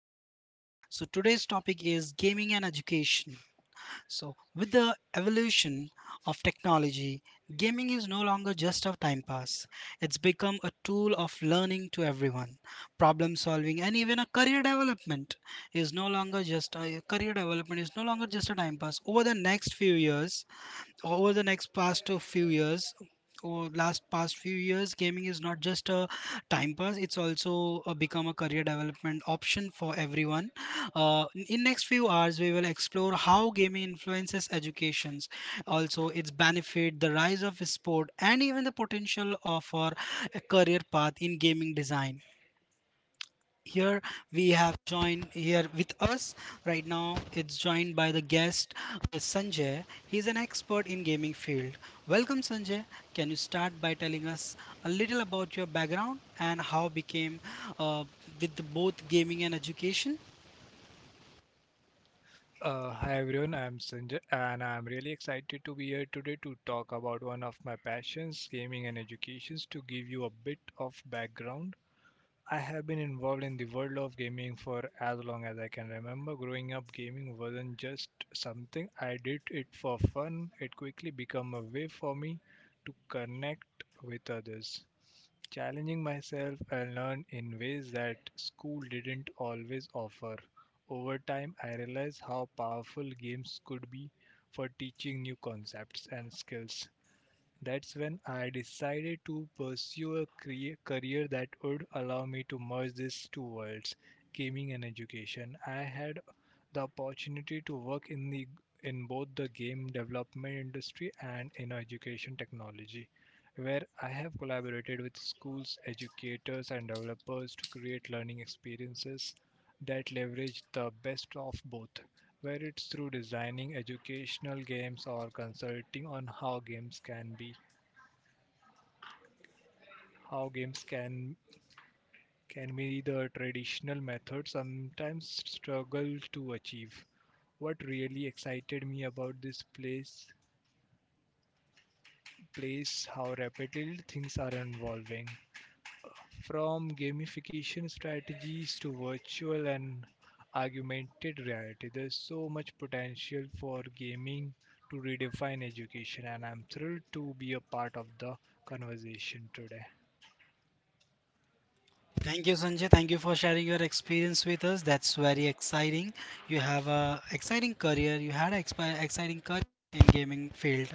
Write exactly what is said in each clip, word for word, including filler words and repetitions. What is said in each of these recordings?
podcast. So today's topic is gaming and education. So with the evolution of technology, gaming is no longer just a time pass. It's become a tool of learning to everyone. Problem solving and even a career development is no longer just a career development is no longer just a time pass. Over the next few years, over the next past uh, few years or last past few years, gaming is not just a time pass, it's also uh, become a career development option for everyone. Uh, in next few hours we will explore how gaming influences educations, also its benefit, the rise of sport, and even the potential of our uh, career path in gaming design. Here we have joined here with us right now. It's joined by the guest, uh, Sanjay. He's an expert in gaming field. Welcome Sanjay. Can you start by telling us a little about your background and how became uh, with the both gaming and education. Uh, hi everyone, I'm Sanjay and I'm really excited to be here today to talk about one of my passions, gaming and education. To give you a bit of background, I have been involved in the world of gaming for as long as I can remember. Growing up, gaming wasn't just something I did it for fun, it quickly became a way for me to connect with others. Challenging myself, I learned in ways that school didn't always offer. Over time, I realized how powerful games could be for teaching new concepts and skills. That's when I decided to pursue a crea- career that would allow me to merge these two worlds, gaming and education. I had the opportunity to work in the in both the game development industry and in education technology, where I have collaborated with schools, educators and developers to create learning experiences that leverage the best of both, where it's through designing educational games or consulting on how games can be how games can can be the traditional methods sometimes struggle to achieve. What really excited me about this place place how rapidly things are evolving from gamification strategies to virtual and augmented reality. There's so much potential for gaming to redefine education and I'm thrilled to be a part of the conversation today. Thank you, Sanjay. Thank you for sharing your experience with us. That's very exciting. You have a exciting career. You had an expi- exciting career in gaming field.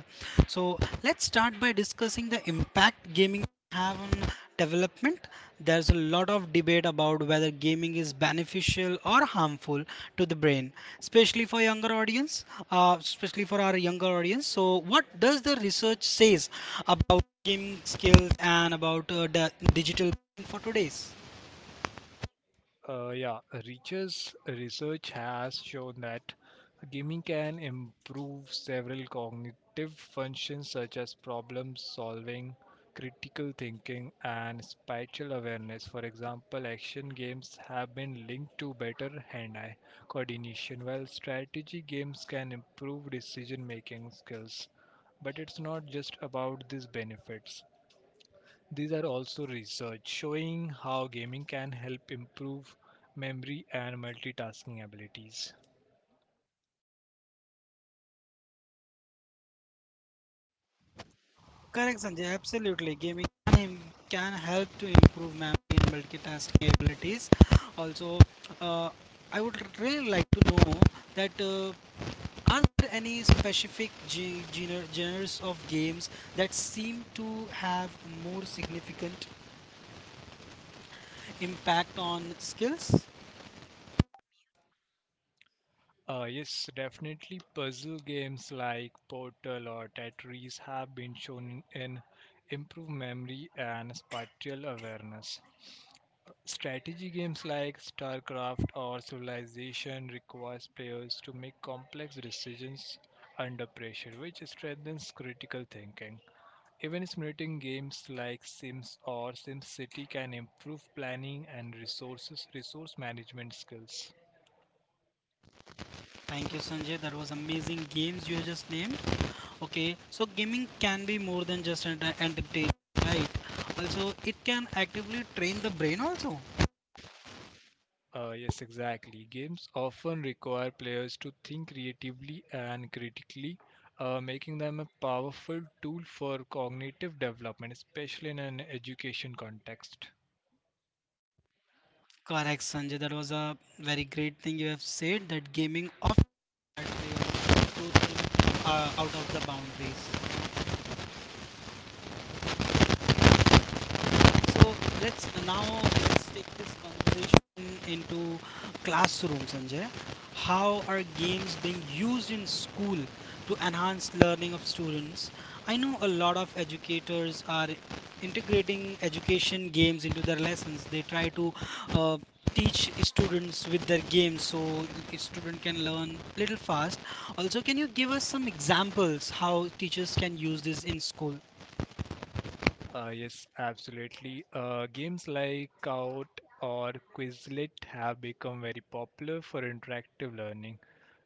So let's start by discussing the impact gaming have on development. There's a lot of debate about whether gaming is beneficial or harmful to the brain, especially for younger audience, uh, especially for our younger audience. So what does the research says about gaming skills and about uh, the digital for today's? Uh, yeah, Reacher's research has shown that gaming can improve several cognitive functions such as problem solving, critical thinking, and spatial awareness. For example, action games have been linked to better hand eye coordination, while strategy games can improve decision making skills. But it's not just about these benefits. These are also research showing how gaming can help improve memory and multitasking abilities. Correct, Sanjay. Absolutely. Gaming can, help to improve memory and multitasking abilities. Also, uh, I would really like to know that uh, are there any specific ge- gener- genres of games that seem to have more significant impact on skills? Uh, yes, definitely puzzle games like Portal or Tetris have been shown in, in improve memory and spatial awareness. Strategy games like StarCraft or Civilization requires players to make complex decisions under pressure, which strengthens critical thinking. Even simulating games like Sims or SimCity can improve planning and resources resource management skills. Thank you, Sanjay. That was amazing games you just named. Okay, so gaming can be more than just enter- entertainment, right? Also, it can actively train the brain also. Uh, yes, exactly. Games often require players to think creatively and critically, uh, making them a powerful tool for cognitive development, especially in an education context. Correct, Sanjay. That was a very great thing you have said, that gaming often hard way to think uh, out of the boundaries. So let's now let's take this conversation into classroom, Sanjay. How are games being used in school to enhance learning of students? I know a lot of educators are integrating education games into their lessons. They try to uh, teach students with their games so a student can learn little fast. Also, can you give us some examples how teachers can use this in school? Uh, yes, absolutely. Uh, games like Out or Quizlet have become very popular for interactive learning.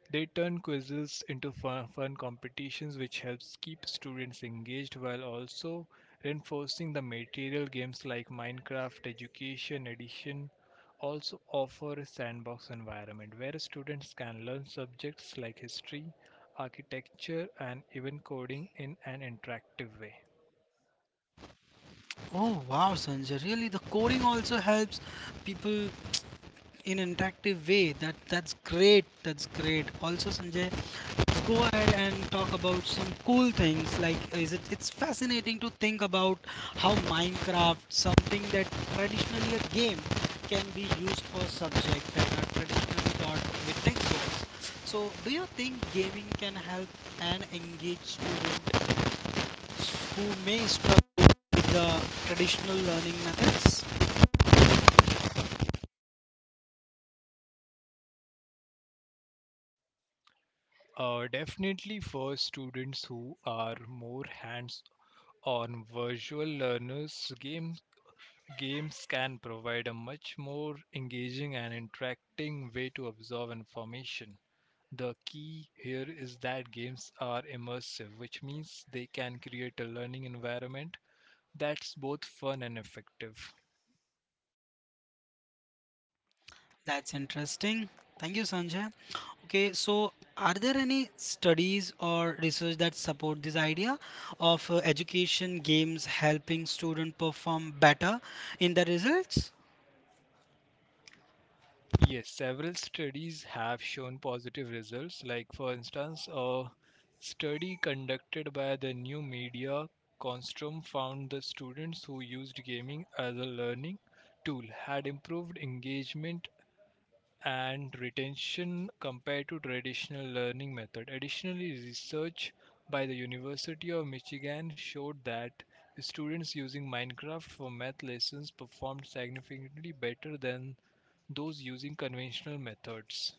They turn quizzes into fun, fun competitions, which helps keep students engaged while also reinforcing the material. Games like Minecraft Education Edition also offer a sandbox environment where students can learn subjects like history, architecture, and even coding in an interactive way. Oh wow, Sanjay! Really, the coding also helps people in an interactive way. That that's great. That's great. Also, Sanjay, let's go ahead and talk about some cool things. Like, is it? It's fascinating to think about how Minecraft, something that traditionally a game, can be used for subjects that are traditionally taught with textbooks. So, do you think gaming can help and engage students who may struggle with the traditional learning methods. Uh, definitely for students who are more hands-on visual learners, games games can provide a much more engaging and interacting way to absorb information. The key here is that games are immersive, which means they can create a learning environment that's both fun and effective. That's interesting. Thank you, Sanjay. Okay, so are there any studies or research that support this idea of uh, education games helping students perform better in the results? Yes, several studies have shown positive results. Like, for instance, a study conducted by the new media Construm found the students who used gaming as a learning tool had improved engagement and retention compared to traditional learning method. Additionally, research by the University of Michigan showed that students using Minecraft for math lessons performed significantly better than those using conventional methods.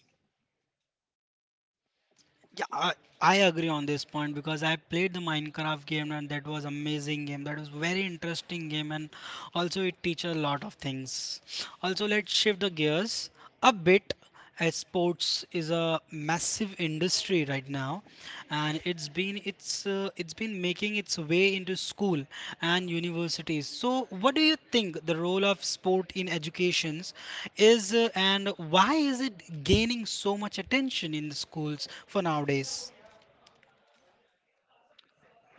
Yeah, I, I agree on this point because I played the Minecraft game and that was amazing game. That was very interesting game and also it teaches a lot of things. Also, let's shift the gears a bit, as sports is a massive industry right right now, and it's been it's uh, it's been making its way into school and universities. So, what do you think the role of sport in educations is, uh, and why is it gaining so much attention in the schools for nowadays?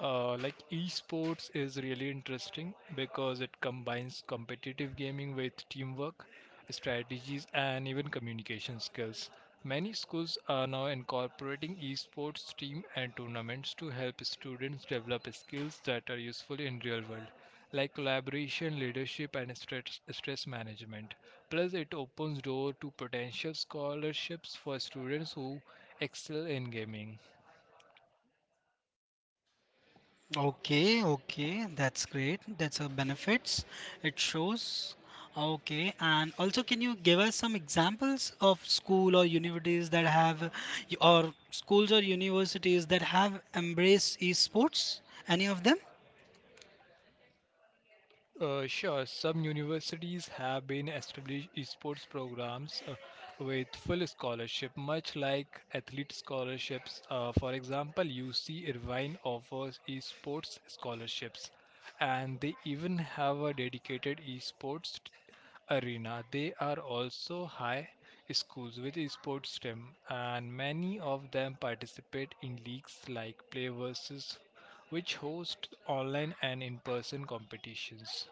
Uh, like esports is really interesting because it combines competitive gaming with teamwork, strategies, and even communication skills. Many schools are now incorporating esports team and tournaments to help students develop skills that are useful in real world, like collaboration, leadership and stress, stress management. Plus it opens door to potential scholarships for students who excel in gaming. Okay, okay, that's great. That's a benefits. It shows. Okay, and also can you give us some examples of school or universities that have, or schools or universities that have embraced esports? Any of them? Uh, sure, some universities have been established esports programs uh, with full scholarship, much like athlete scholarships. Uh, for example, U C Irvine offers esports scholarships, and they even have a dedicated esports t- arena. They are also high schools with esports team, and many of them participate in leagues like Play versus, which hosts online and in person competitions.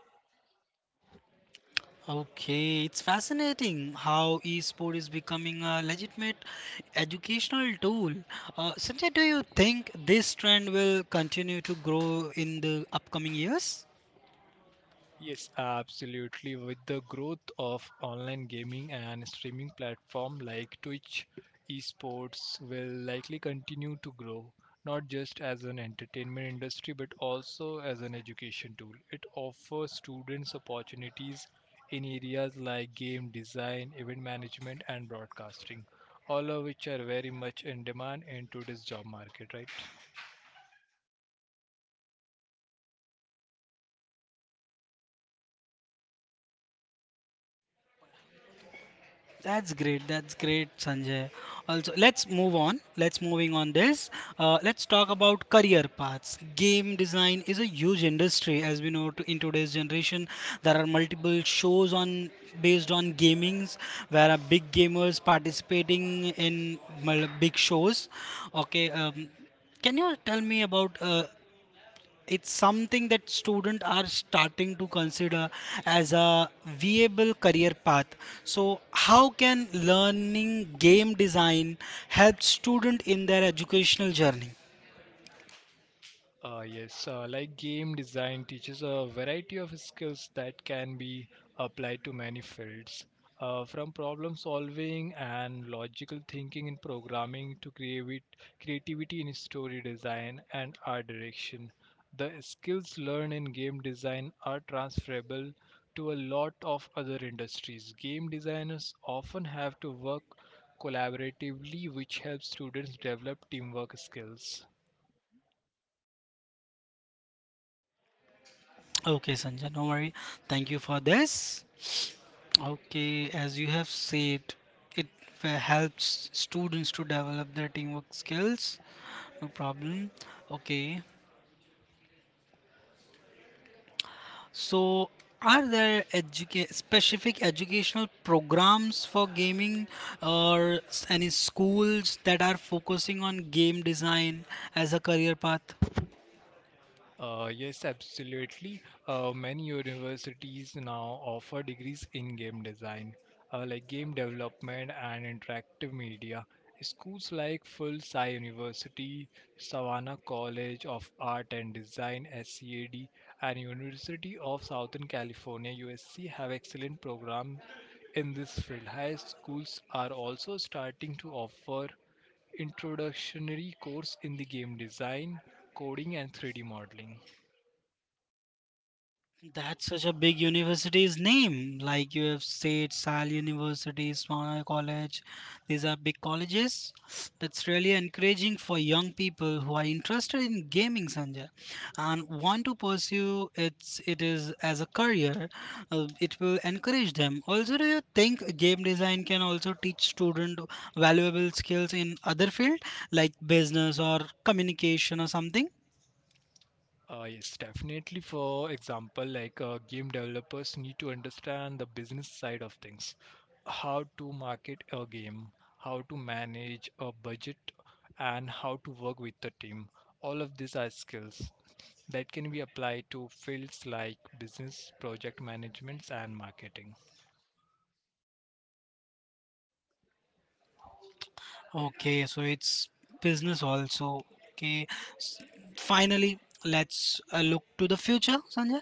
Okay, it's fascinating how esport is becoming a legitimate educational tool. Uh, Sanjay, do you think this trend will continue to grow in the upcoming years? Yes, absolutely. With the growth of online gaming and streaming platform like Twitch, esports will likely continue to grow, not just as an entertainment industry but also as an education tool. It offers students opportunities in areas like game design, event management and broadcasting, all of which are very much in demand in today's job market, right? That's great. That's great, Sanjay. Also, let's move on. Let's moving on this. Uh, let's talk about career paths. Game design is a huge industry, as we know. To, in today's generation, there are multiple shows on based on gamings, where are big gamers participating in mul- big shows. Okay, um, can you tell me about uh, it's something that students are starting to consider as a viable career path. So how can learning game design help student in their educational journey? Uh, yes, uh, like game design teaches a variety of skills that can be applied to many fields, uh, from problem solving and logical thinking in programming to creavi- creativity in story design and art direction. The skills learned in game design are transferable to a lot of other industries. Game designers often have to work collaboratively, which helps students develop teamwork skills. Okay Sanjay, no worry, thank you for this. Okay, as you have said, it f- helps students to develop their teamwork skills. No problem. Okay. So, are there educa- specific educational programs for gaming or s- any schools that are focusing on game design as a career path? Uh, yes, absolutely. Uh, many universities now offer degrees in game design, uh, like game development and interactive media. Schools like Full Sai University, Savannah College of Art and Design (S C A D), and University of Southern California (U S C) have excellent programs in this field. High schools are also starting to offer introductionary course in the game design, coding, and three D modeling. That's such a big university's name. Like you have said, Sal University, Swana College. These are big colleges. That's really encouraging for young people who are interested in gaming, Sanjay, and want to pursue its it is as a career. Uh, it will encourage them. Also, do you think game design can also teach student valuable skills in other field like business or communication or something? Uh, yes, definitely. For example, like uh, game developers need to understand the business side of things, how to market a game, how to manage a budget, and how to work with the team. All of these are skills that can be applied to fields like business, project management, and marketing. Okay, so it's business also. Okay, S- finally, let's uh, look to the future, Sanjay.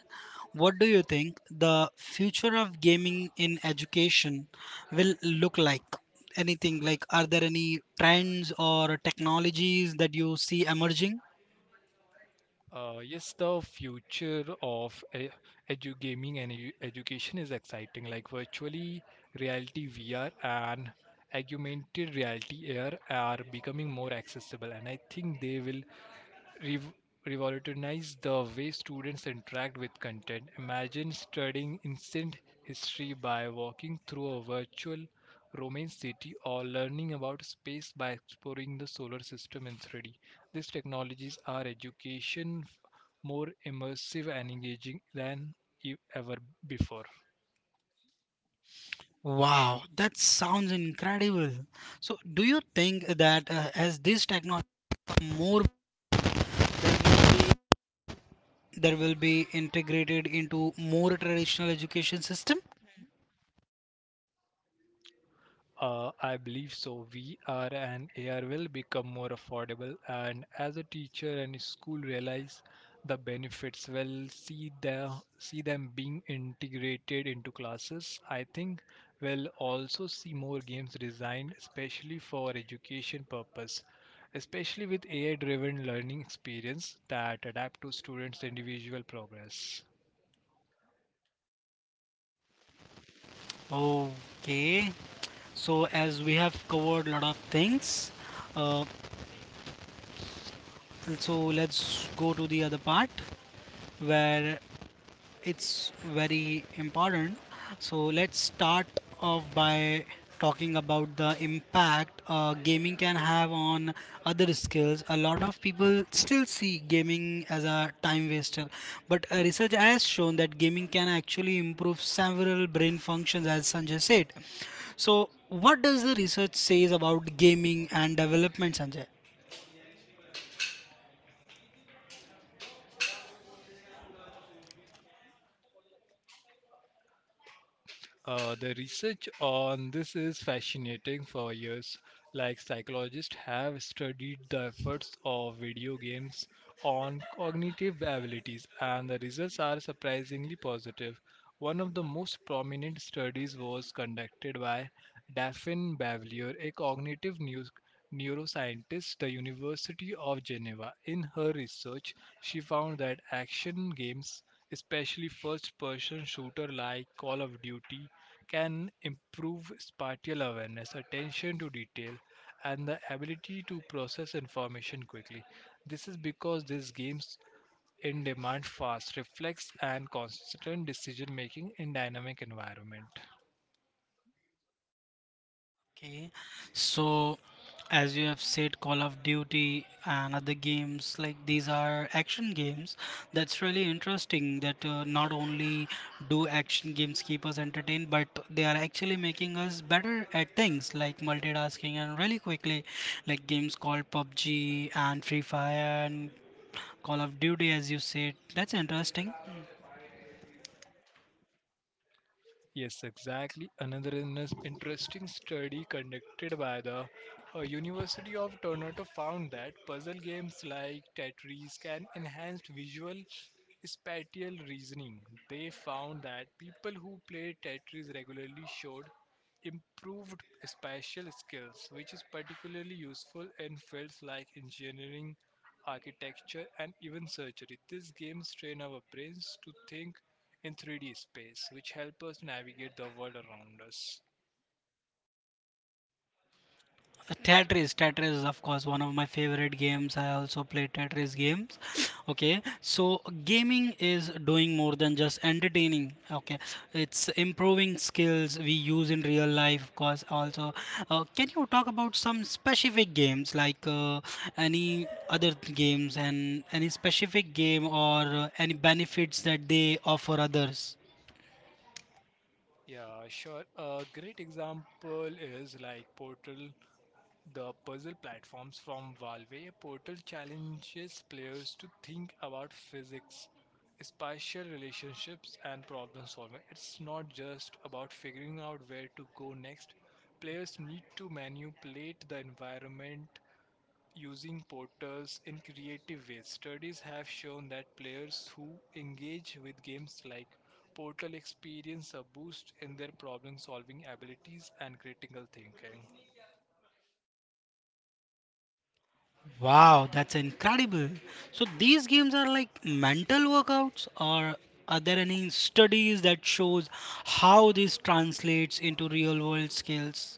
What do you think the future of gaming in education will look like? Anything like, are there any trends or technologies that you see emerging? Uh, yes, the future of e- edu gaming and edu- education is exciting, like virtually reality V R and augmented reality A R are becoming more accessible, and I think they will rev- revolutionize the way students interact with content. Imagine studying ancient history by walking through a virtual Roman city or learning about space by exploring the solar system in three D. These technologies are education f- more immersive and engaging than e- ever before. Wow, that sounds incredible. So, do you think that uh, as this technology more there will be integrated into more traditional education system? Uh, I believe so. V R and A R will become more affordable, and as a teacher and school realize the benefits, will see the see them being integrated into classes. I think we'll also see more games designed especially for education purpose, especially with A I-driven learning experience that adapt to students' individual progress. Okay, so as we have covered a lot of things, uh, so let's go to the other part where it's very important. So let's start off by talking about the impact uh, gaming can have on other skills. A lot of people still see gaming as a time waster, but uh, research has shown that gaming can actually improve several brain functions, as Sanjay said. So, what does the research says about gaming and development, Sanjay? Uh, the research on this is fascinating for years. Like psychologists have studied the effects of video games on cognitive abilities, and the results are surprisingly positive. One of the most prominent studies was conducted by Daphne Bavelier, a cognitive neus- neuroscientist at the University of Geneva. In her research, she found that action games, especially first person shooter like Call of Duty, can improve spatial awareness, attention to detail, and the ability to process information quickly. This is because these games in demand fast reflex and constant decision making in dynamic environment. Okay, so as you have said, Call of Duty and other games like these are action games. That's really interesting that uh, not only do action games keep us entertained, but they are actually making us better at things like multitasking and really quickly, like games called PUBG and Free Fire and Call of Duty, as you said. That's interesting. Yes, exactly. Another in- interesting study conducted by the uh, University of Toronto found that puzzle games like Tetris can enhance visual spatial reasoning. They found that people who play Tetris regularly showed improved spatial skills, which is particularly useful in fields like engineering, architecture, and even surgery. These games train our brains to think in three D space, which help us navigate the world around us. Tetris, Tetris is of course one of my favorite games. I also play Tetris games. Okay, so gaming is doing more than just entertaining. Okay, it's improving skills we use in real life, of course. Also, uh, can you talk about some specific games like uh, any other th- games and any specific game or uh, any benefits that they offer others? Yeah, sure. A great example is like Portal, the puzzle platforms from Valve. Portal challenges players to think about physics, spatial relationships, and problem solving. It's not just about figuring out where to go next. Players need to manipulate the environment using portals in creative ways. Studies have shown that players who engage with games like Portal experience a boost in their problem solving abilities and critical thinking. Wow, that's incredible. So these games are like mental workouts or are there any studies that shows how this translates into real world skills?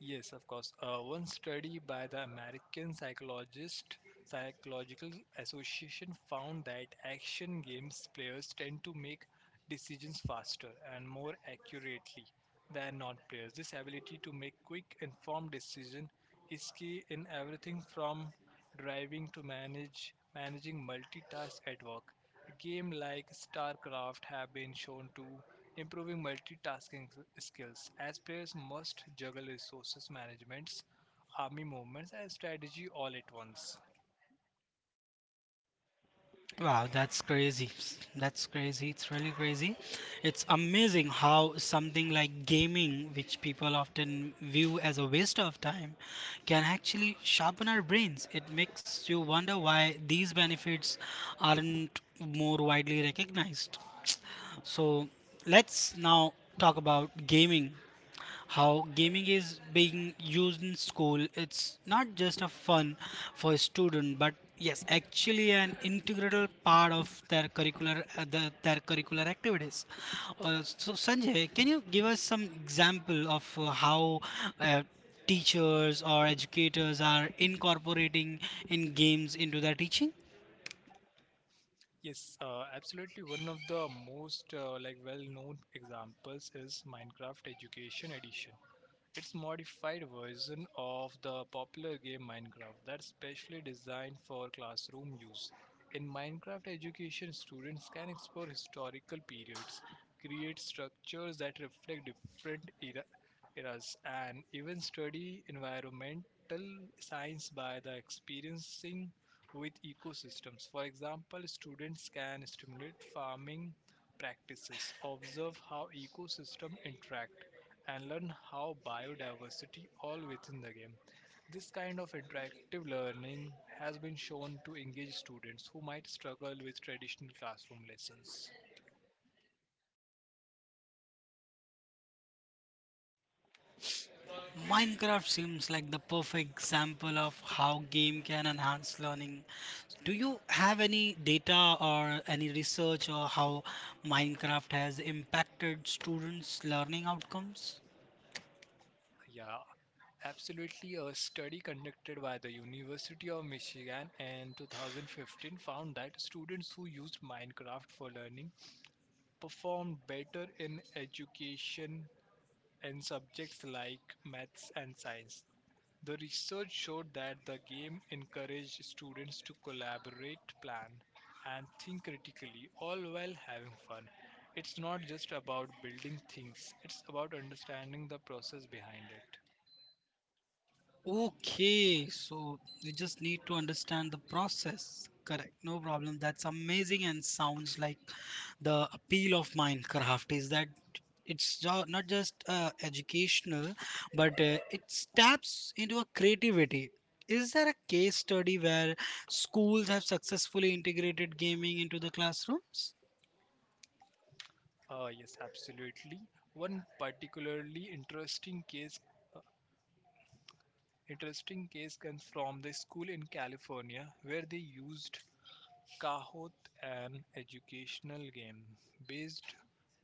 Yes, of course. Uh, one study by the American Psychologist Psychological Association found that action games players tend to make decisions faster and more accurately than non-players. This ability to make quick, informed decision is key in everything from driving to manage managing multitask at work. Games like StarCraft have been shown to improving multitasking skills as players must juggle resources management, army movements, and strategy all at once. Wow, that's crazy. That's crazy. It's really crazy. It's amazing how something like gaming, which people often view as a waste of time, can actually sharpen our brains. It makes you wonder why these benefits aren't more widely recognized. So, let's now talk about gaming, how gaming is being used in school. It's not just a fun for a student but yes actually an integral part of their curricular uh, the, their curricular activities. Uh, so Sanjay, can you give us some example of uh, how uh, teachers or educators are incorporating in games into their teaching? Yes, uh, absolutely. One of the most uh, like well-known examples is Minecraft Education Edition. It's modified version of the popular game Minecraft that's specially designed for classroom use. In Minecraft education, students can explore historical periods, create structures that reflect different era- eras, and even study environmental science by the experiencing with ecosystems. For example, students can stimulate farming practices, observe how ecosystems interact, and learn how biodiversity all within the game. This kind of interactive learning has been shown to engage students who might struggle with traditional classroom lessons. Minecraft seems like the perfect example of how game can enhance learning. Do you have any data or any research or how Minecraft has impacted students' learning outcomes? Yeah, absolutely, a study conducted by the University of Michigan in two thousand fifteen found that students who used Minecraft for learning performed better in education in subjects like maths and science. The research showed that the game encouraged students to collaborate, plan, and think critically, all while having fun. It's not just about building things, it's about understanding the process behind it. Okay, so you just need to understand the process. Correct, no problem. That's amazing and sounds like the appeal of Minecraft is that it's jo- not just uh, educational, but uh, it taps into a creativity. Is there a case study where schools have successfully integrated gaming into the classrooms? Uh, yes, absolutely. One particularly interesting case interesting case comes from the school in California where they used Kahoot, an educational game based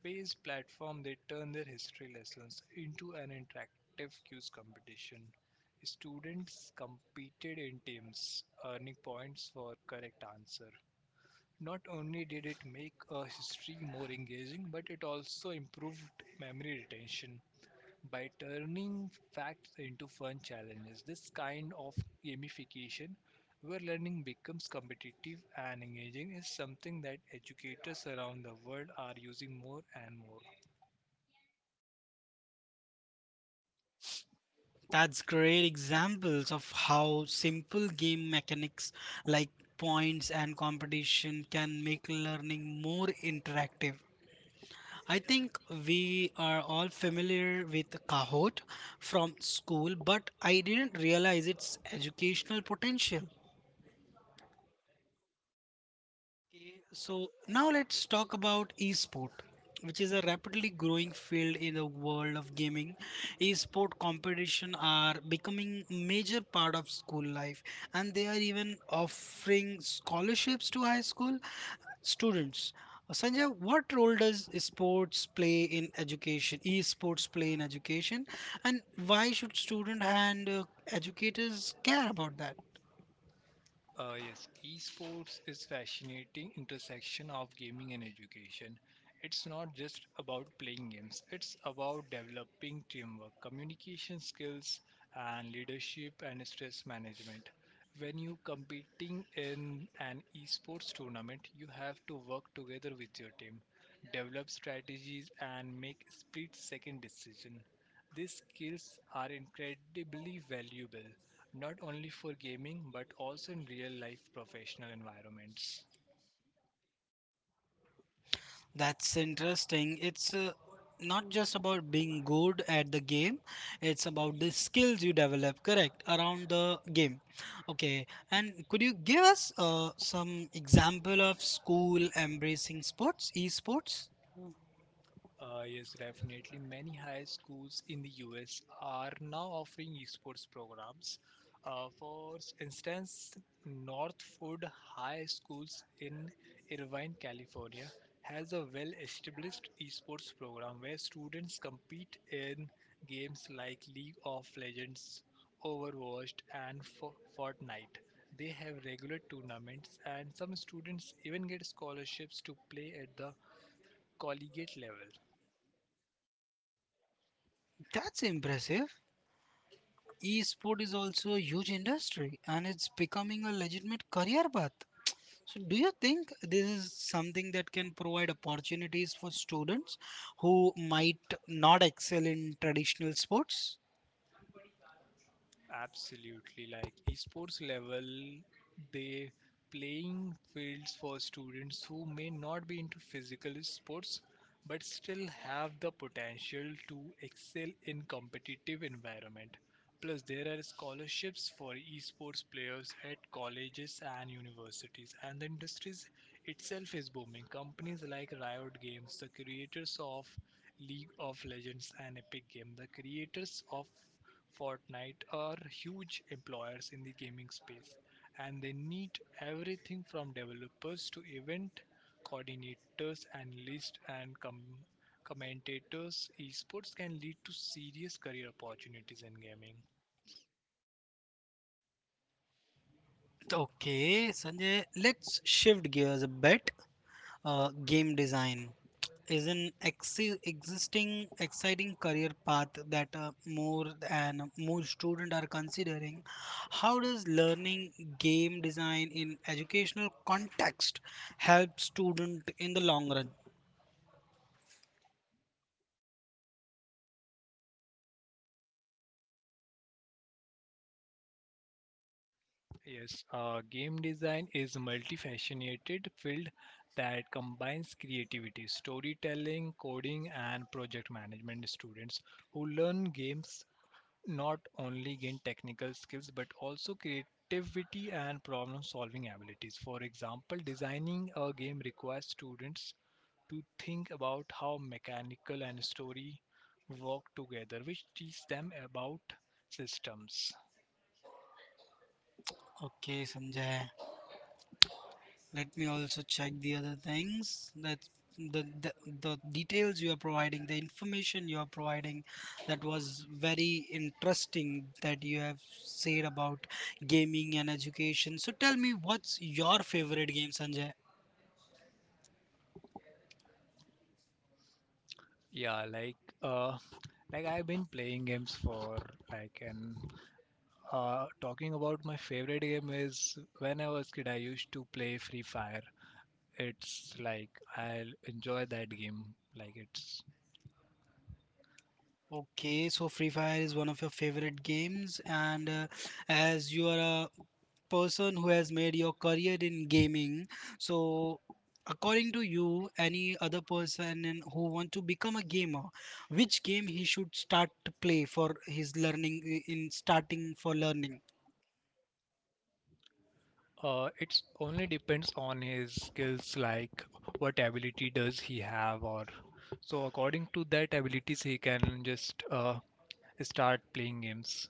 based platform. They turned their history lessons into an interactive quiz competition. Students competed in teams, earning points for correct answer. Not only did it make a history more engaging, but it also improved memory retention by turning facts into fun challenges. This kind of gamification, where learning becomes competitive and engaging, is something that educators around the world are using more and more. That's great examples of how simple game mechanics like points and competition can make learning more interactive. I think we are all familiar with Kahoot from school, but I didn't realize its educational potential. So now let's talk about esport, which is a rapidly growing field in the world of gaming. Esport competition are becoming major part of school life, and they are even offering scholarships to high school students. Sanjay, what role does sports play in education? Esports play in education, and why should student and uh, educators care about that? Uh, yes, esports is fascinating intersection of gaming and education. It's not just about playing games. It's about developing teamwork, communication skills, and leadership and stress management. When you competing in an esports tournament, you have to work together with your team, develop strategies, and make split-second decision. These skills are incredibly valuable, not only for gaming but also in real life professional environments. That's interesting. It's uh, not just about being good at the game, it's about the skills you develop, correct, around the game. Okay, and could you give us uh, some example of school embracing sports, esports? Uh, yes, definitely. Many high schools in the U S are now offering esports programs. Uh, for instance, Northwood High Schools in Irvine, California, has a well established esports program where students compete in games like League of Legends, Overwatch, and Fo- Fortnite. They have regular tournaments, and some students even get scholarships to play at the collegiate level. That's impressive. Esport is also a huge industry and it's becoming a legitimate career path. So, do you think this is something that can provide opportunities for students who might not excel in traditional sports? Absolutely, like esports level, they playing fields for students who may not be into physical sports but still have the potential to excel in competitive environment. Plus, there are scholarships for esports players at colleges and universities, and the industry itself is booming. Companies like Riot Games, the creators of League of Legends and Epic Games, the creators of Fortnite are huge employers in the gaming space, and they need everything from developers to event coordinators, analysts, and com- commentators. Esports can lead to serious career opportunities in gaming. Okay, Sanjay, let's shift gears a bit. Uh, game design is an ex- existing exciting career path that uh, more and more students are considering. How does learning game design in educational context help student in the long run? Yes, uh, game design is a multifaceted field that combines creativity, storytelling, coding, and project management. Students who learn games not only gain technical skills but also creativity and problem solving abilities. For example, designing a game requires students to think about how mechanical and story work together, which teach them about systems. Okay, Sanjay. Let me also check the other things that the, the the details you are providing, the information you are providing, that was very interesting that you have said about gaming and education. So tell me, what's your favorite game, Sanjay? Yeah, like uh, like I've been playing games for like and uh, talking about my favorite game is when I was kid I used to play Free Fire, it's like I'll enjoy that game. Like it's Okay, so Free Fire is one of your favorite games, and uh, as you are a person who has made your career in gaming. So, according to you, any other person in- who want to become a gamer, which game he should start to play for his learning i- in starting for learning? uh it's only depends on his skills, like what ability does he have or so according to that abilities he can just uh start playing games.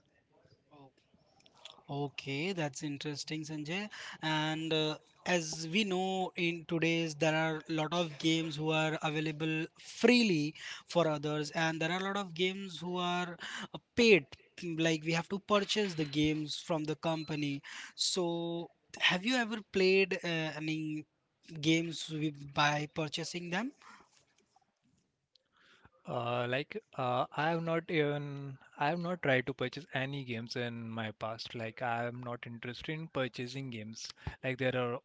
Okay, that's interesting, Sanjay. And uh, as we know in today's, there are a lot of games who are available freely for others, and there are a lot of games who are uh, paid. Like we have to purchase the games from the company. So, have you ever played uh, any games with, by purchasing them? Uh like uh I have not even I have not tried to purchase any games in my past. Like I am not interested in purchasing games. Like there are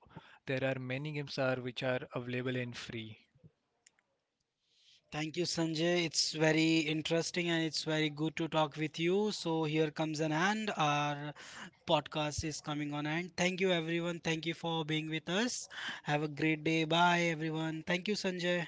there are many games are which are available in free Thank you, Sanjay. It's very interesting and it's very good to talk with you. So here comes an end. Our podcast is coming on end. Thank you, everyone. Thank you for being with us. Have a great day. Bye, everyone. Thank you, Sanjay.